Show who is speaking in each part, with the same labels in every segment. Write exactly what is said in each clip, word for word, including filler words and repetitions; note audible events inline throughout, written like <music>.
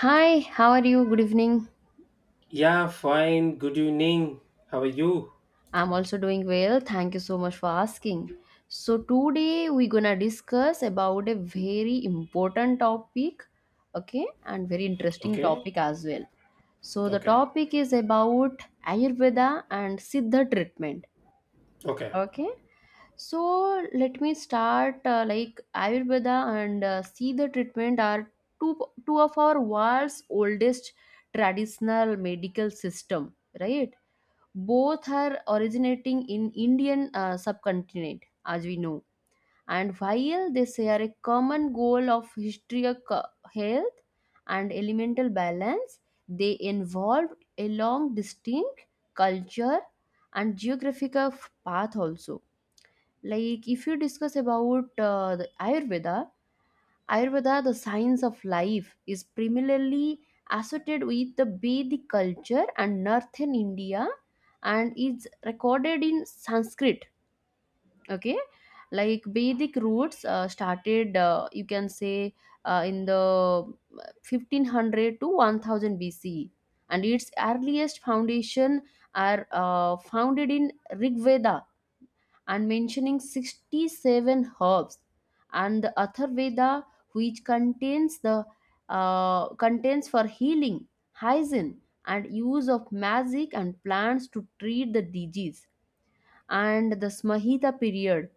Speaker 1: Hi, how are you? Good evening.
Speaker 2: Yeah, fine. Good evening. How are you?
Speaker 1: I'm also doing well. Thank you so much for asking. So today we're gonna discuss about a very important topic, okay, and very interesting
Speaker 2: Okay,
Speaker 1: topic as well. So the
Speaker 2: okay,
Speaker 1: topic is about Ayurveda and Siddha treatment.
Speaker 2: okay,
Speaker 1: Okay. So let me start uh, like Ayurveda and uh, Siddha treatment are two two of our world's oldest traditional medical system, right? Both are originating in Indian uh, subcontinent, as we know. And while they share a common goal of historic uh, health and elemental balance, they involve a long, distinct culture and geographical f- path also. Like if you discuss about uh, the Ayurveda, Ayurveda, the science of life, is primarily associated with the Vedic culture and northern India, and is recorded in Sanskrit. Okay, like Vedic roots uh, started, uh, you can say, uh, in the fifteen hundred to one thousand B C, and its earliest foundation are uh, founded in Rig Veda, and mentioning sixty-seven herbs and the atharveda, which contains the uh, contains for healing, hygiene, and use of magic and plants to treat the disease. And the samhita period,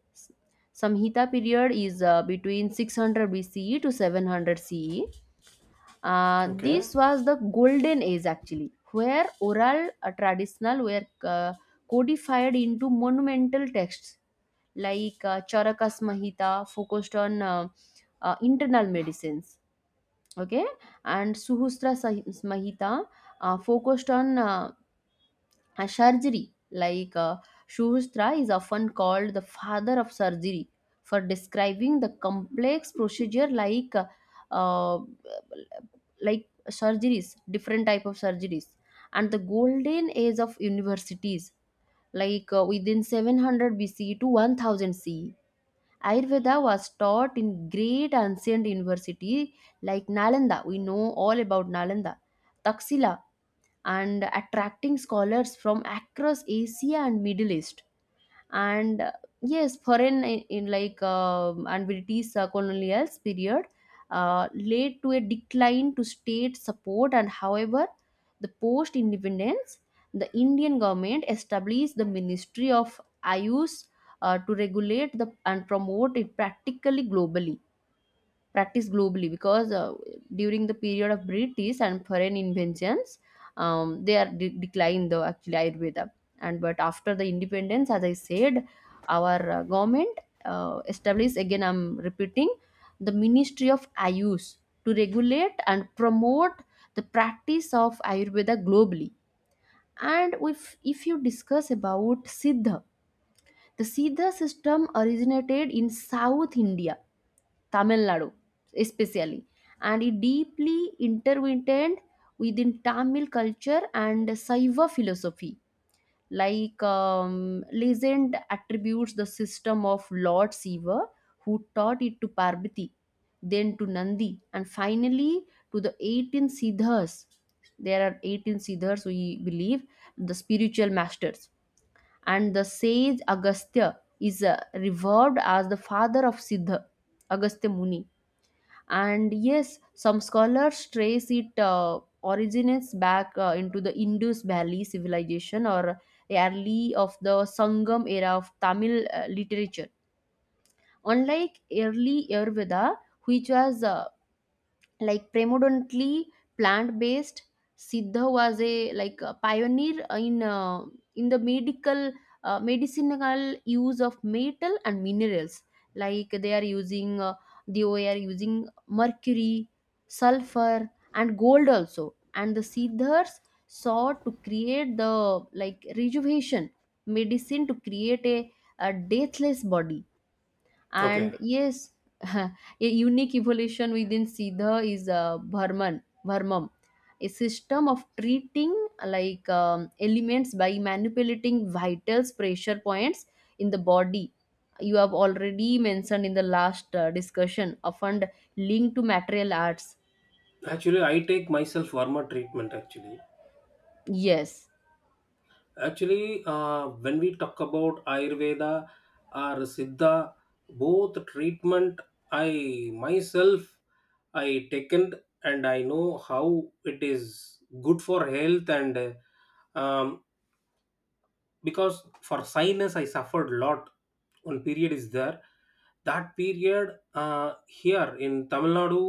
Speaker 1: samhita period is uh, between six hundred B C E to seven hundred C E. Uh,
Speaker 2: okay.
Speaker 1: this was the golden age actually, where oral uh, traditional were uh, codified into monumental texts like uh, Charakas Mahita, focused on uh, uh, internal medicines, okay, and Suhustra Sah- Mahita uh, focused on uh, uh, surgery. Like uh, Suhustra is often called the father of surgery, for describing the complex procedure like uh, uh, like surgeries, different type of surgeries, and the golden age of universities like uh, within seven hundred B C to one thousand C E Ayurveda was taught in great ancient university like Nalanda. We know all about Nalanda, Taxila, and attracting scholars from across Asia and Middle East. And uh, yes, foreign in, in like um and British uh, colonial period uh, led to a decline to state support. And however, the post independence, the Indian government established the Ministry of Ayush uh, to regulate the and promote it practically globally. Practice globally because uh, during the period of British and foreign inventions, um, they are de- declined though actually Ayurveda. And but after the independence, as I said, our uh, government uh, established again. I'm repeating the Ministry of Ayush, to regulate and promote the practice of Ayurveda globally. And if if you discuss about Siddha, the Siddha system originated in South India, Tamil Nadu, especially, and it deeply intertwined within Tamil culture and Saiva philosophy. Like um, legend attributes the system of Lord Siva, who taught it to Parvati, then to Nandi, and finally to the eighteen Siddhas. There are eighteen Siddhas, we believe, the spiritual masters. And the sage Agastya is uh, revered as the father of Siddha, Agastya Muni. And yes, some scholars trace it uh, originates back uh, into the Indus Valley civilization, or early of the Sangam era of Tamil uh, literature. Unlike early Ayurveda, which was uh, like predominantly plant-based, Siddha was a like a pioneer in uh, in the medical uh, medicinal use of metal and minerals. Like they are using uh, they were using mercury, sulfur, and gold also. And the siddhas sought to create the like rejuvenation medicine, to create a, a deathless body.
Speaker 2: Okay.
Speaker 1: And yes, <laughs> a unique evolution within Siddha is uh, Bharman, Bharmam, a system of treating like um, elements by manipulating vitals pressure points in the body. You have already mentioned in the last uh, discussion, often linked to material arts.
Speaker 2: Actually, I take myself warmer treatment actually.
Speaker 1: Yes.
Speaker 2: Actually, uh, when we talk about Ayurveda or Siddha, both treatment I myself I taken and I know how it is good for health and uh, um, because for sinus I suffered a lot. One period is there, that period, uh, here in Tamil Nadu.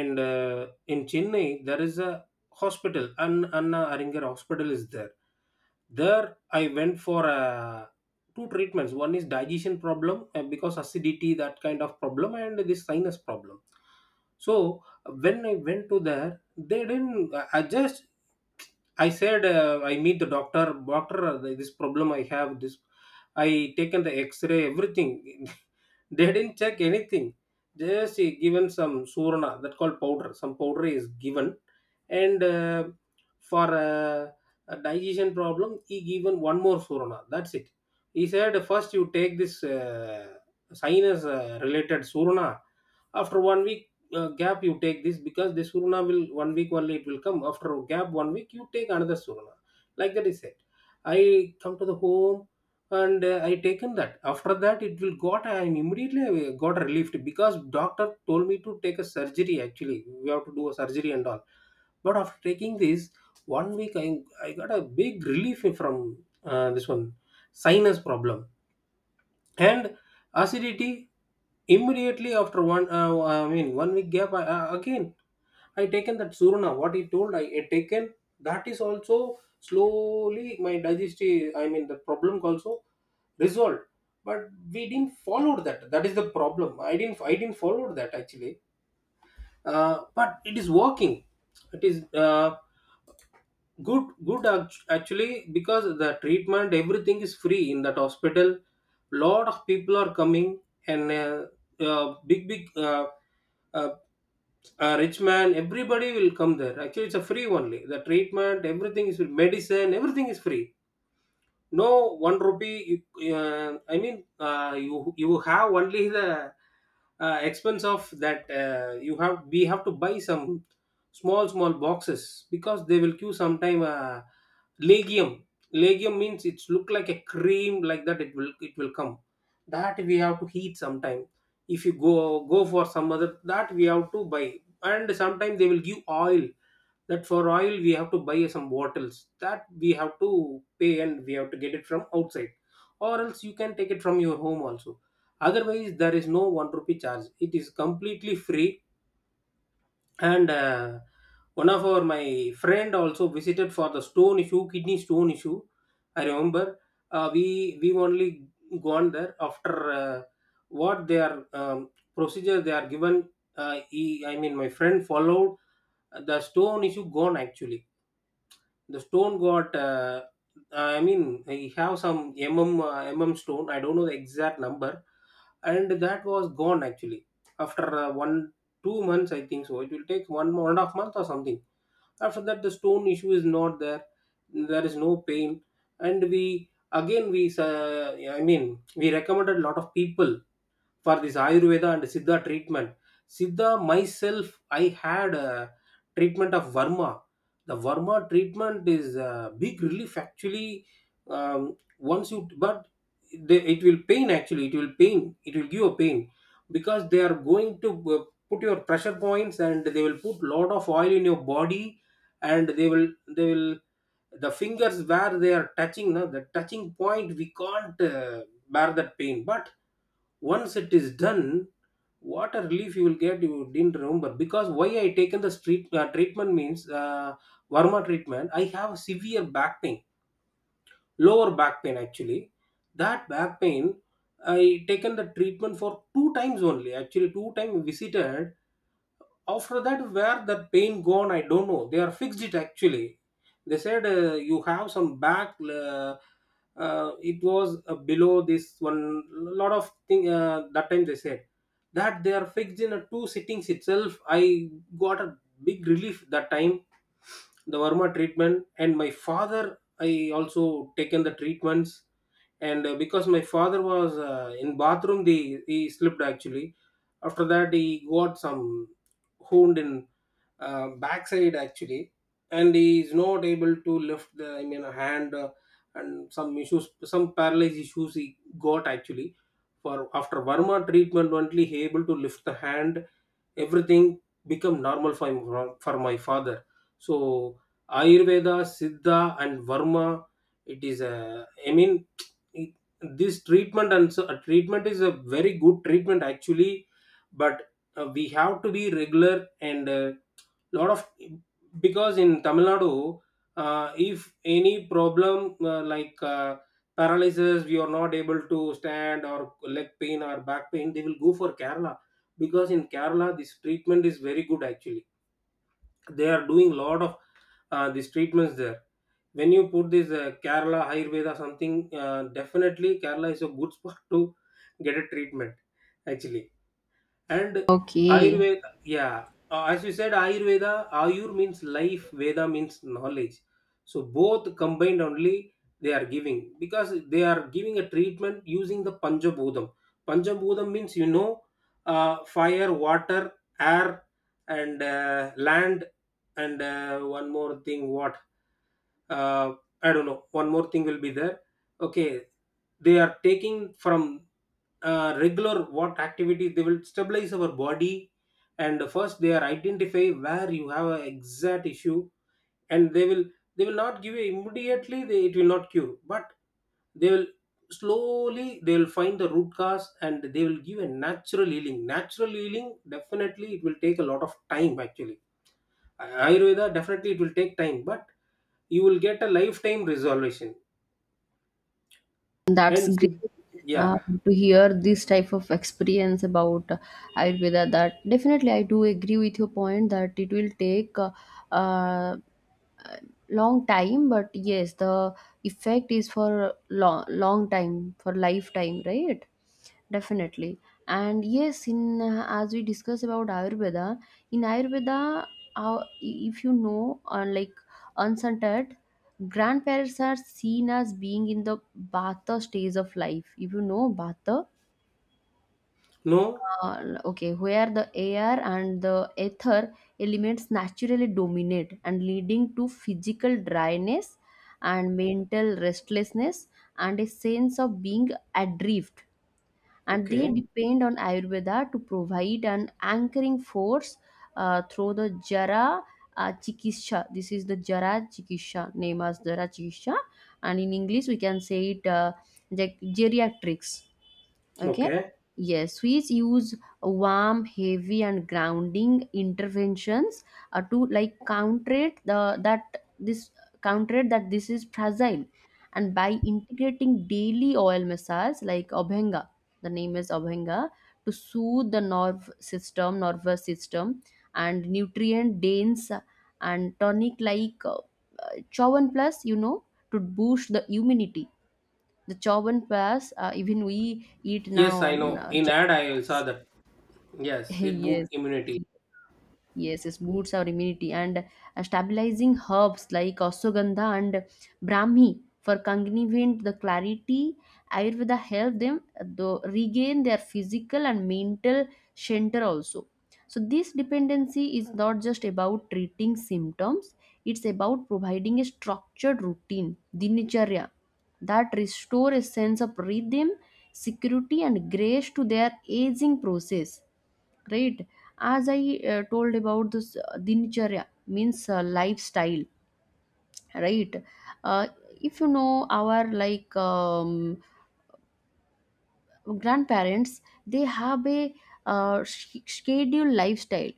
Speaker 2: And uh, in Chennai there is a hospital. An Anna Aringer Hospital is there. There I went for uh, two treatments. One is digestion problem uh, because acidity, that kind of problem, and this sinus problem. So when I went to there, they didn't I I just I said, uh, I meet the doctor. Doctor, uh, this problem I have. This I taken the X-ray, everything. <laughs> They didn't check anything. Just he given some surana, that called powder. Some powder is given, and uh, for uh, a digestion problem, he given one more surana. That's it. He said first you take this uh, sinus uh, related surana. After one week, uh, gap you take this because the suruna will one week only, it will come. After a gap one week you take another suruna, like that is it. I come to the home and uh, I taken that. After that it will got, I immediately uh, got relieved, because doctor told me to take a surgery. Actually we have to do a surgery and all, but after taking this one week i, I got a big relief from uh, this one sinus problem and acidity. Immediately after one uh, i mean one week gap I, uh, again I taken that surna. What he told I had taken, that is also slowly my digestive, I mean the problem also resolved. But we didn't follow that, that is the problem. I didn't i didn't follow that actually. Uh, but it is working. It is uh, good, good act- actually because the treatment everything is free in that hospital. Lot of people are coming, and uh, uh, big big uh, uh, uh, rich man, everybody will come there actually. It's a free only, the treatment everything is free, medicine everything is free. No, one rupee. You, uh, I mean, uh, you you have only the uh, expense of that. Uh, you have we have to buy some small small boxes, because they will give sometime uh, legium. Legium means it's look like a cream like that. It will it will come. That we have to heat sometime. If you go go for some other, that we have to buy. And sometime they will give oil, that for oil we have to buy some bottles, that we have to pay and we have to get it from outside, or else you can take it from your home also. Otherwise there is no one rupee charge, it is completely free. And uh, one of our my friend also visited for the stone issue, kidney stone issue. I remember uh, we we only gone there after uh, what their um, procedure they are given. Uh, he, I mean my friend followed uh, the stone issue gone actually. The stone got uh, i mean he have some mm uh, mm stone, I don't know the exact number. And that was gone actually after uh, one two months, I think. So it will take one, one and a half month or something. After that the stone issue is not there, there is no pain. And we again we uh, i mean we recommended a lot of people for this Ayurveda and Siddha treatment. Siddha myself, I had a treatment of varma. The Verma treatment is a big relief actually. Um, once you, but they, it will pain actually, it will pain, it will give a pain, because they are going to uh, put your pressure points and they will put lot of oil in your body. And they will they will the fingers where they are touching, now the touching point we can't uh, bear that pain. But once it is done, what a relief you will get. You didn't remember, because why I taken the street uh, treatment means uh, varma treatment, I have severe back pain, lower back pain actually. That back pain, I taken the treatment for two times only actually. Two time visited. After that where that pain gone, I don't know. They are fixed it actually. They said uh, you have some back, uh, uh, it was uh, below this one, lot of thing uh, that time they said, that they are fixed. In a two sittings itself I got a big relief that time, the Verma treatment. And my father I also taken the treatments, and uh, because my father was uh, in bathroom, the he slipped actually. After that he got some wound in uh, backside actually, and he is not able to lift the, I mean hand, uh, and some issues, some paralyzed issues he got actually. For after Burma treatment only he able to lift the hand, everything become normal for, my for my father. So Ayurveda, Siddha and Varma, it is a, I mean it, this treatment and so, a treatment is a very good treatment actually. But uh, we have to be regular, and uh, lot of, because in Tamil Nadu, uh, if any problem uh, like uh, paralysis, we are not able to stand, or leg pain or back pain, they will go for Kerala. Because in Kerala this treatment is very good actually. They are doing lot of uh, these treatments there. When you put this uh, Kerala Ayurveda something, uh, definitely Kerala is a good <laughs> spot to get a treatment actually. And
Speaker 1: Okay.
Speaker 2: Ayurveda, yeah, uh, as you said, Ayurveda, Ayur means life, Veda means knowledge. So both combined only they are giving, because they are giving a treatment using the Panjabhudam. Panjabhudam means you know, uh, fire, water, air, and uh, land, and uh, one more thing. What, uh, I don't know. One more thing will be there. Okay, they are taking from uh, regular what activity, they will stabilize our body. And first they are identify where you have an exact issue, and they will, they will not give you immediately. They, it will not cure, but they will slowly, they will find the root cause and they will give a natural healing. Natural healing definitely it will take a lot of time actually. Ayurveda definitely it will take time, but you will get a lifetime resolution.
Speaker 1: That's
Speaker 2: And
Speaker 1: great
Speaker 2: yeah.
Speaker 1: uh, to hear this type of experience about uh, Ayurveda. That definitely, I do agree with your point that it will take uh, uh, long time, but yes, the effect is for long long time for lifetime, right? Definitely, and yes, in uh, as we discuss about Ayurveda, in Ayurveda, uh, if you know, uh, like unscented grandparents are seen as being in the Bata stage of life. If you know Bata,
Speaker 2: No.
Speaker 1: uh, okay, where the air and the ether elements naturally dominate, and leading to physical dryness and mental restlessness, and a sense of being adrift, and they
Speaker 2: Okay.
Speaker 1: depend on Ayurveda to provide an anchoring force uh, through the jara uh, chikisha. This is the jara chikisha, name as jara chikisha, and in English we can say it uh, like geriatrics. Okay.
Speaker 2: Okay.
Speaker 1: Yes, Swiss use warm, heavy, and grounding interventions uh, to like counter it the that this counter it, that this is fragile, and by integrating daily oil massage like Abhyanga, the name is Abhyanga, to soothe the nerve system, nervous system, and nutrient dense and tonic like uh, Chawan Plus, you know, to boost the immunity, the chawan pass. Uh, even we eat now
Speaker 2: Yes, I
Speaker 1: on
Speaker 2: know.
Speaker 1: uh,
Speaker 2: In ad,
Speaker 1: chawan
Speaker 2: I saw
Speaker 1: pass.
Speaker 2: that. Yes,
Speaker 1: <laughs>
Speaker 2: it boot
Speaker 1: Yes,
Speaker 2: immunity.
Speaker 1: yes, yes, boosts our immunity and uh, stabilizing herbs like ashwagandha and brahmi for cognitive the clarity. Ayurveda help them uh, though regain their physical and mental center also. So this dependency is not just about treating symptoms; it's about providing a structured routine, dinacharya, that restore a sense of rhythm, security, and grace to their aging process, right? As I uh, told about this uh, dincharya means uh, lifestyle, right? Uh, if you know our like um, grandparents, they have a uh, sch- scheduled lifestyle.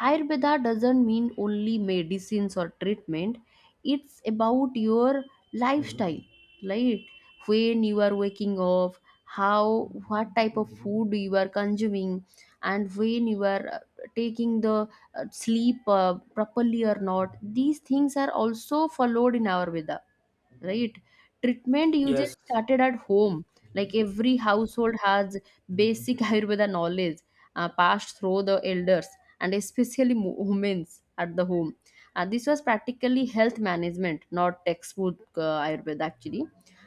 Speaker 1: Ayurveda doesn't mean only medicines or treatment, it's about your lifestyle, right? When you are waking up, how what type of food you are consuming, and when you are uh, taking the uh, sleep uh, properly or not. These things are also followed in Ayurveda, right? Treatment
Speaker 2: Yes.
Speaker 1: usually started at home, like every household has basic <laughs> ayurveda knowledge uh, passed through the elders, and especially mo- women at the home. Uh, this was practically health management, not textbook uh, ayurveda actually.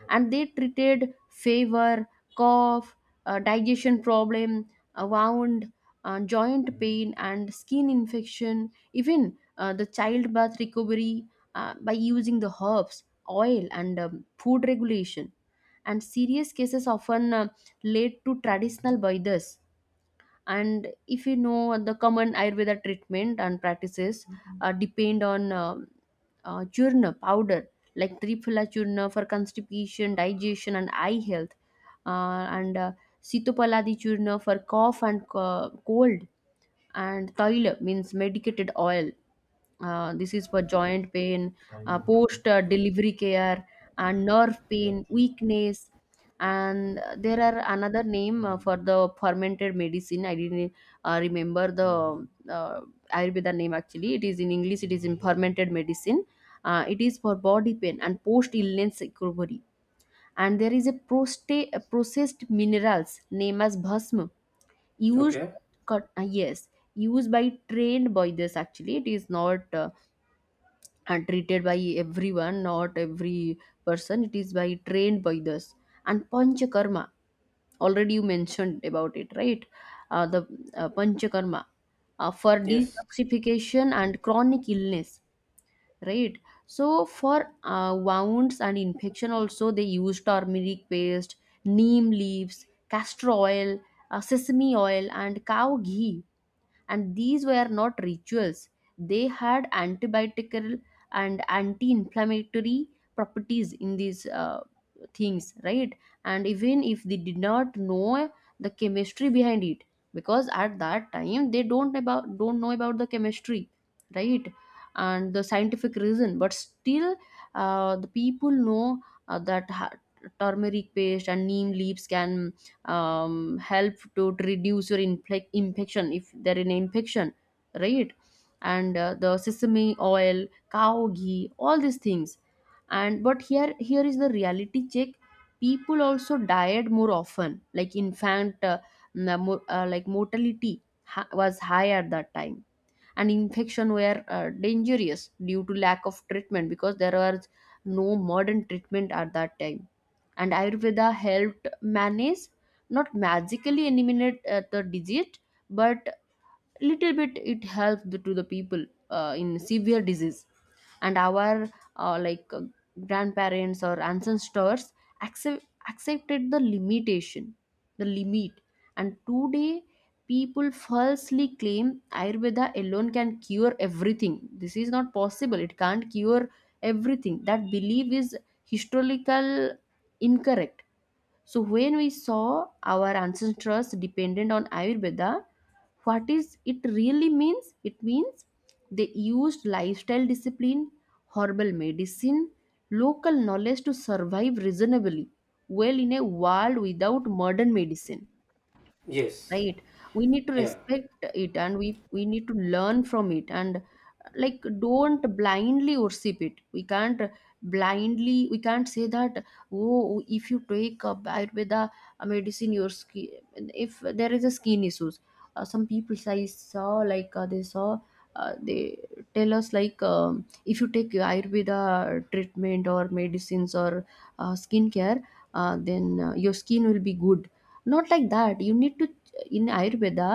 Speaker 1: And they treated fever, cough, uh, digestion problem, uh, wound, uh, joint pain, and skin infection, even uh, the childbirth recovery, uh, by using the herbs, oil, and um, food regulation. And serious cases often uh, lead to traditional bathas. And if you know the common Ayurveda treatment and practices uh, depend on um uh, churna powder, like Triphala churna for constipation, digestion, and eye health, uh, and uh, Sitopaladi churna for cough and uh, cold, and taila means medicated oil. Uh, this is for joint pain, uh, post uh, delivery care, and nerve pain, weakness. And there are another name uh, for the fermented medicine. I didn't uh, remember the uh, Ayurveda name actually. It is in English, it is in fermented medicine. Uh, it is for body pain and post illness recovery. And there is a, prosta- a processed minerals name as bhasma, used
Speaker 2: Okay.
Speaker 1: cut uh, yes, used by trained boilers actually. It is not uh, uh, treated by everyone, not every person. It is by trained boilers. And panchakarma, already you mentioned about it, right? Uh, the uh, panchakarma uh, for
Speaker 2: Yes.
Speaker 1: detoxification and chronic illness, right? So for uh, wounds and infection also, they use turmeric paste, neem leaves, castor oil, uh, sesame oil, and cow ghee. And these were not rituals, they had antibiotical and anti-inflammatory properties in these uh, things, right? And even if they did not know the chemistry behind it, because at that time they don't about don't know about the chemistry, right? And the scientific reason, but still uh, the people know uh, that ha- turmeric paste and neem leaves can um, help to reduce your infle- infection if there is an infection, right? And uh, the sesame oil, cow ghee, all these things. And but here here is the reality check, people also died more often, like infant uh, n- mo- uh, like mortality ha- was high at that time, and infection were uh, dangerous due to lack of treatment, because there was no modern treatment at that time. And Ayurveda helped manage, not magically eliminate uh, the disease, but little bit it helps the- to the people uh, in severe disease. And our uh, like uh, grandparents or ancestors accept, accepted the limitation, the limit. And today people falsely claim Ayurveda alone can cure everything. This is not possible, it can't cure everything. That belief is historical incorrect. So when we saw our ancestors dependent on Ayurveda, what is it really means? It means they used lifestyle discipline, herbal medicine, local knowledge to survive reasonably well in a world without modern medicine.
Speaker 2: Yes.
Speaker 1: Right, we need to
Speaker 2: Yeah.
Speaker 1: respect it, and we we need to learn from it. And like, don't blindly worship it. We can't blindly, we can't say that, oh, if you take up ayurveda medicine your skin, if there is a skin issues, uh, some people I saw like uh, they saw uh, they tell us like, um, if you take ayurveda treatment or medicines or uh, skincare, uh, then uh, your skin will be good. Not like that, you need to, in ayurveda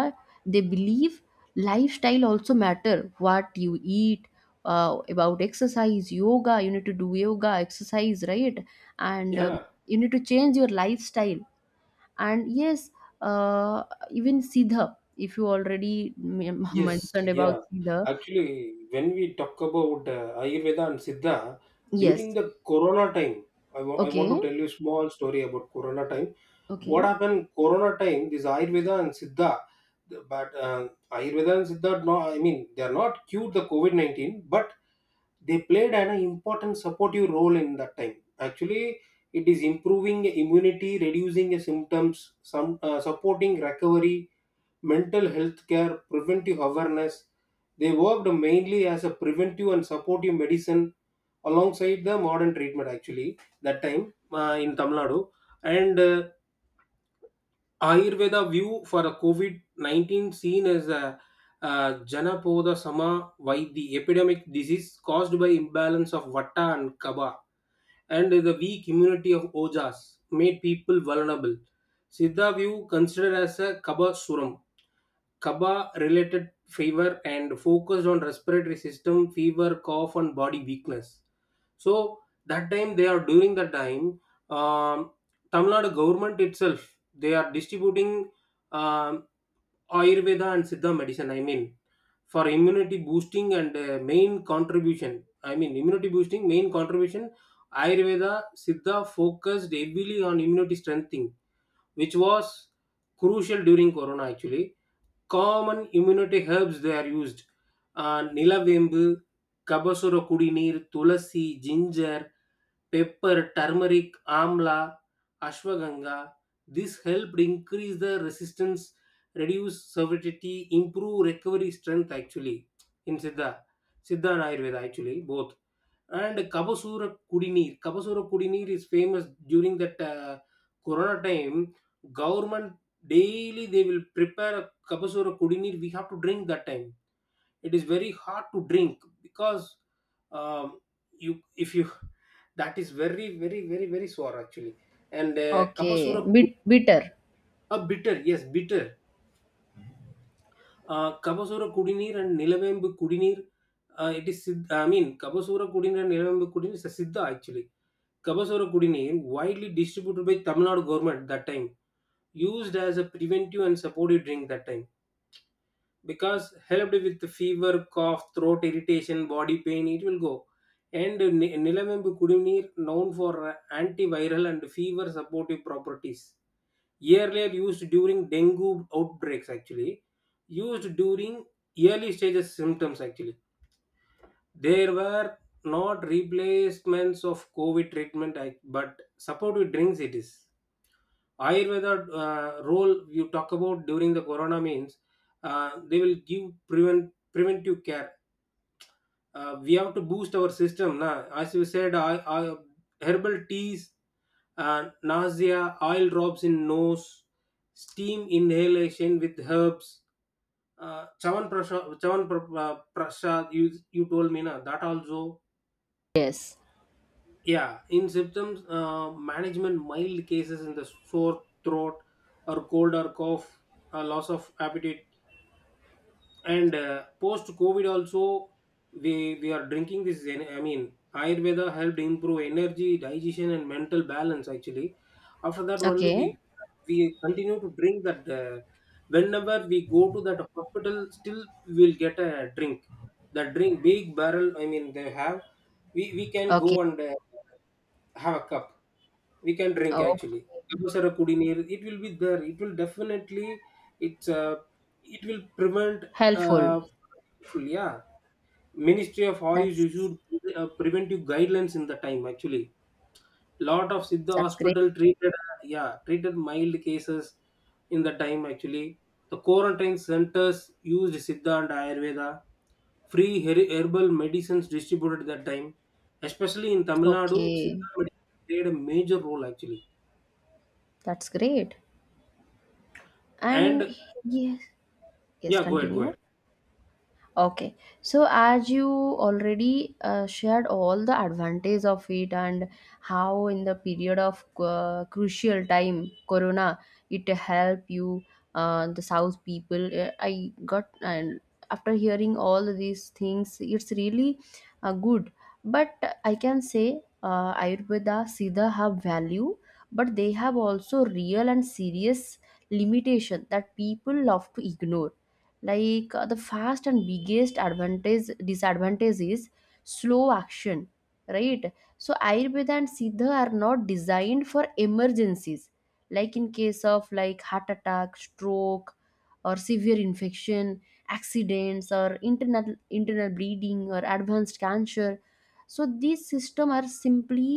Speaker 1: they believe lifestyle also matter, what you eat, uh, about exercise, yoga, you need to do yoga exercise, right? And um,
Speaker 2: Yeah.
Speaker 1: you need to change your lifestyle. And yes, uh, even siddha, if you already m- <laughs>
Speaker 2: Yes,
Speaker 1: mentioned
Speaker 2: yeah.
Speaker 1: about siddha.
Speaker 2: Actually, when we talk about uh, Ayurveda and Siddha, during
Speaker 1: Yes.
Speaker 2: the Corona time, I wa- I want
Speaker 1: Okay.
Speaker 2: to tell you a small story about Corona time. What
Speaker 1: Okay.
Speaker 2: happened Corona time, this Ayurveda and Siddha, the- but uh, Ayurveda and Siddha, no, I mean, they are not cured the COVID nineteen, but they played an important supportive role in that time actually. It is improving immunity, reducing symptoms, some uh, supporting recovery, mental health care, preventive awareness. They worked mainly as a preventive and supportive medicine alongside the modern treatment actually that time uh, in Tamil Nadu. And uh, Ayurveda view for a COVID nineteen seen as a uh, Janapoda Sama, the epidemic disease caused by imbalance of Vata and Kaba, and the weak immunity of Ojas made people vulnerable. Siddha view considered as a Kaba Suram, Kaba related fever, and focused on respiratory system, fever, cough, and body weakness. So that time they are, during the time, um, Tamil Nadu government itself they are distributing um, Ayurveda and Siddha medicine. I mean for immunity boosting, and uh, main contribution, I mean immunity boosting main contribution. Ayurveda Siddha focused heavily on immunity strengthening, which was crucial during Corona actually. Common immunity herbs they are used. Nilavembu, kabasura kudineer, tulsi, ginger, pepper, turmeric, amla, ashwagandha. This help increase the resistance, reduce severity, improve recovery strength actually. In Siddha, Siddha and Ayurveda actually both. And Kabasura Kudineer. Kabasura Kudineer is famous during that uh, Corona time. Government daily they will prepare a Kabasura Kudineer. We have to drink that time. It is very hard to drink, because um, you if you <laughs> that is very very very very sour actually. And uh,
Speaker 1: Okay.
Speaker 2: Kabasura Ku-
Speaker 1: Bit- bitter.
Speaker 2: uh, bitter, yes, bitter. Uh, Kabasura Kudineer and Nilavembu Kudineer. Uh, it is Siddha, I mean Kabasura Kudineer and Nilavembu Kudineer is a Siddha actually. Kabasaura Kudineer, widely distributed by Tamil Nadu government that time, used as a preventive and supportive drink that time, because helped with the fever, cough, throat irritation, body pain, it will go. And Ni- Nilamembu Kudineer, known for uh, antiviral and fever supportive properties. Earlier used during dengue outbreaks actually, used during early stages symptoms actually. There were not replacements of COVID treatment, act- but supportive drinks it is. Ayurveda uh, role you talk about during the corona means uh, they will give prevent preventive care. Uh, we have to boost our system. Na? As you said, I, I, herbal teas, uh, nausea, oil drops in nose, steam inhalation with herbs, uh, chavan prasha, chavan pra, uh, prasha. You you told me na that also.
Speaker 1: Yes.
Speaker 2: Yeah, in symptoms uh, management, mild cases in the sore throat or cold or cough, uh, loss of appetite, and uh, post COVID also we we are drinking this. en- I mean, Ayurveda helped improve energy, digestion, and mental balance. Actually, after that only we
Speaker 1: Okay.
Speaker 2: we continue to drink that. Uh, whenever we go to that hospital, still we'll get a drink. That drink, big barrel, I mean, they have. We we can
Speaker 1: Okay.
Speaker 2: go and uh, have a cup, we can drink
Speaker 1: Okay.
Speaker 2: actually. Abusara Kudineer, it will be there. It will definitely, it's uh, it will prevent,
Speaker 1: Helpful.
Speaker 2: uh, yeah. Ministry of oils
Speaker 1: that's
Speaker 2: issued uh, preventive guidelines in the time actually. Lot of siddha
Speaker 1: that's great.
Speaker 2: hospital treated uh, yeah, treated mild cases in the time actually. The quarantine centers used siddha and ayurveda, free her- herbal medicines distributed that time. Especially in Tamil Nadu siddha
Speaker 1: Okay.
Speaker 2: medicine played a major role actually.
Speaker 1: That's great. And
Speaker 2: And
Speaker 1: yes, yes,
Speaker 2: yeah, go ahead, go
Speaker 1: continue.
Speaker 2: ahead.
Speaker 1: Okay, so as you already uh, shared all the advantage of it and how in the period of uh, crucial time, Corona, it help you, uh, the South people. uh, I got, and after hearing all these things, it's really uh, good. But I can say, uh, Ayurveda, Siddha have value, but they have also real and serious limitation that people love to ignore. Like uh, the fast and biggest advantage, disadvantage is slow action, right? So ayurveda and siddha are not designed for emergencies, like in case of like heart attack, stroke, or severe infection, accidents, or internal internal bleeding, or advanced cancer. So these system are simply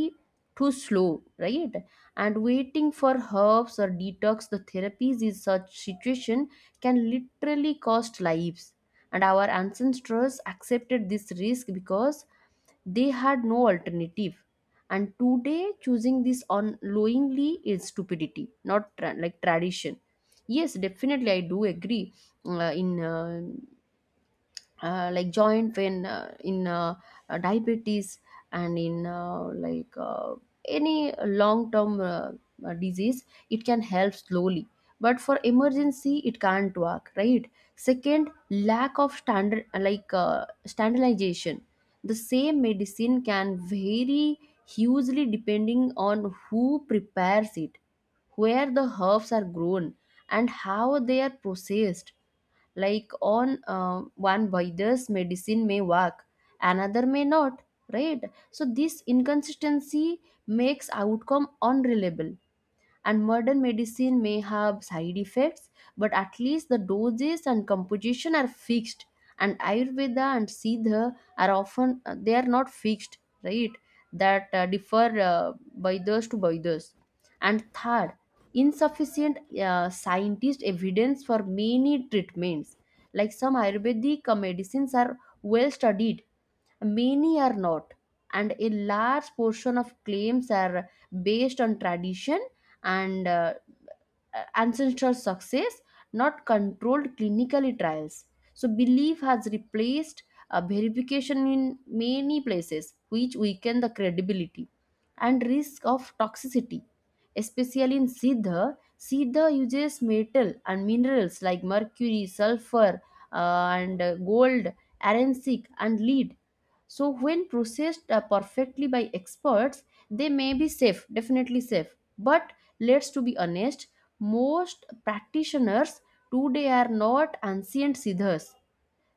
Speaker 1: too slow, right? And waiting for herbs or detox the therapies in such situation can literally cost lives. And our ancestors accepted this risk because they had no alternative. And today, choosing this unknowingly is stupidity, not tra- like tradition. Yes, definitely, I do agree, uh, in uh, uh, like joint pain, uh, in uh, uh, diabetes, and in uh, like uh, any long term uh, uh, disease it can help slowly, but for emergency it can't work, right? Second, lack of standard, like uh, standardization, the same medicine can vary hugely depending on who prepares it, where the herbs are grown, and how they are processed. Like on uh, one virus medicine may work, another may not, right? So this inconsistency makes outcome unreliable. And modern medicine may have side effects, but at least the doses and composition are fixed, and ayurveda and siddha are often, uh, they are not fixed, right? That uh, differ uh, by those to by those. And third, insufficient uh, scientist evidence for many treatments. Like some ayurvedic uh, medicines are well studied, many are not, and a large portion of claims are based on tradition and uh, ancestral success, not controlled clinical trials. So, belief has replaced uh, verification in many places, which weaken the credibility and risk of toxicity. Especially in Siddha, Siddha uses metal and minerals like mercury, sulfur, uh, and uh, gold, arencic, and lead. So when processed uh, perfectly by experts, they may be safe, definitely safe, but let's to be honest, most practitioners today are not ancient siddhas.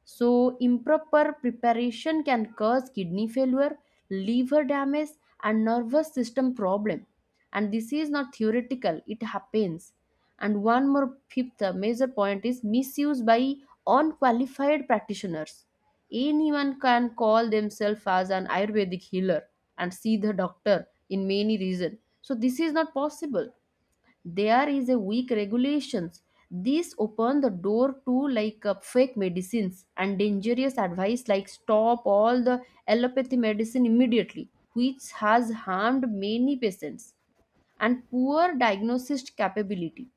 Speaker 1: So, improper preparation can cause kidney failure, liver damage, and nervous system problem. And this is not theoretical; it happens. And one more fifth major point is misuse by unqualified practitioners. Anyone can call themselves as an Ayurvedic healer and see the doctor in many reasons. So this is not possible, there is a weak regulations. This open the door to like uh, fake medicines and dangerous advice like stop all the allopathy medicine immediately, which has harmed many patients. And poor diagnosis capability,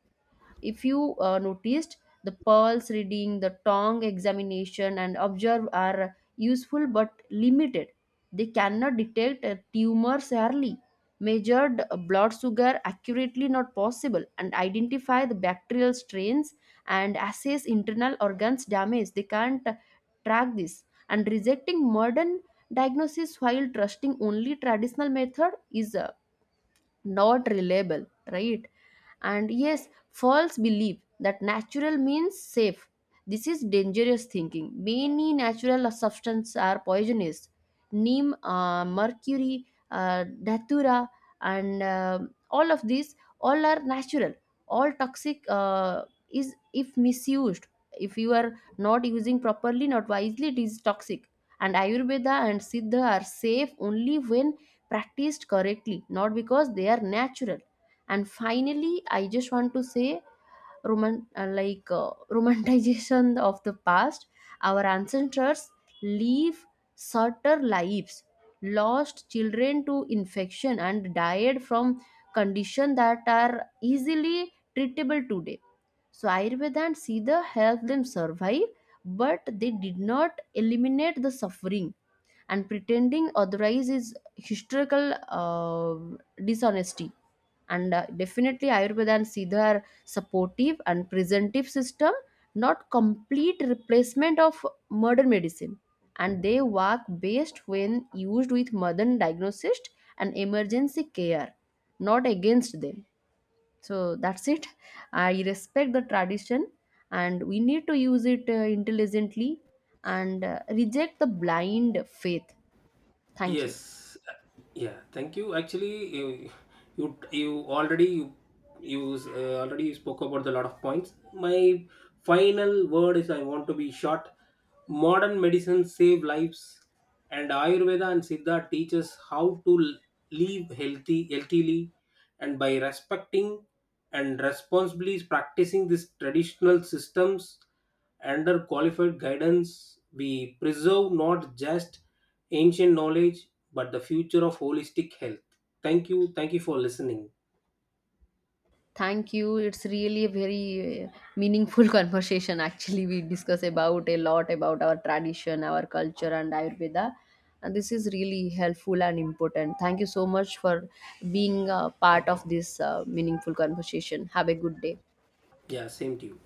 Speaker 1: if you uh, noticed, the pulse reading, the tongue examination, and observe are useful but limited. They cannot detect a tumor early. Measured uh, blood sugar accurately not possible, and identify the bacterial strains and assess internal organs damage, they can't uh, track this. And rejecting modern diagnosis while trusting only traditional method is uh, not reliable, right? And yes, false belief that natural means safe, this is dangerous thinking. Many natural substances are poisonous, neem, uh, mercury, uh, datura, and um all of these, all are natural, all toxic, uh, is if misused. If you are not using properly, not wisely, it is toxic. And ayurveda and siddha are safe only when practiced correctly, not because they are natural. And finally, I just want to say, roman- uh, like uh, <laughs> romanticization of the past, our ancestors live shorter lives, lost children to infection, and died from conditions that are easily treatable today. So Ayurveda and Siddha helped them survive, but they did not eliminate the suffering, and pretending otherwise is historical uh, dishonesty. And uh, definitely ayurveda and siddha are supportive and preventive system, not complete replacement of modern medicine, and they work best when used with modern diagnosis and emergency care, not against them. So that's it, I respect the tradition, and we need to use it uh, intelligently, and uh, reject the blind faith. Thank you.
Speaker 2: Yes, yeah. Thank you. Actually, you you, you already you you uh, already spoke about a lot of points. My final word is I want to be short. Modern medicine save lives, and Ayurveda and Siddha teaches how to l- live healthy, healthily, and by respecting and responsibly practicing these traditional systems under qualified guidance, we preserve not just ancient knowledge, but the future of holistic health. Thank you. Thank you for listening.
Speaker 1: Thank you. It's really a very uh, meaningful <laughs> conversation. Actually, we discuss about a lot about our tradition, our culture, and Ayurveda. And this is really helpful and important. Thank you so much for being a part of this uh, meaningful conversation. Have a good day.
Speaker 2: Yeah, same to you.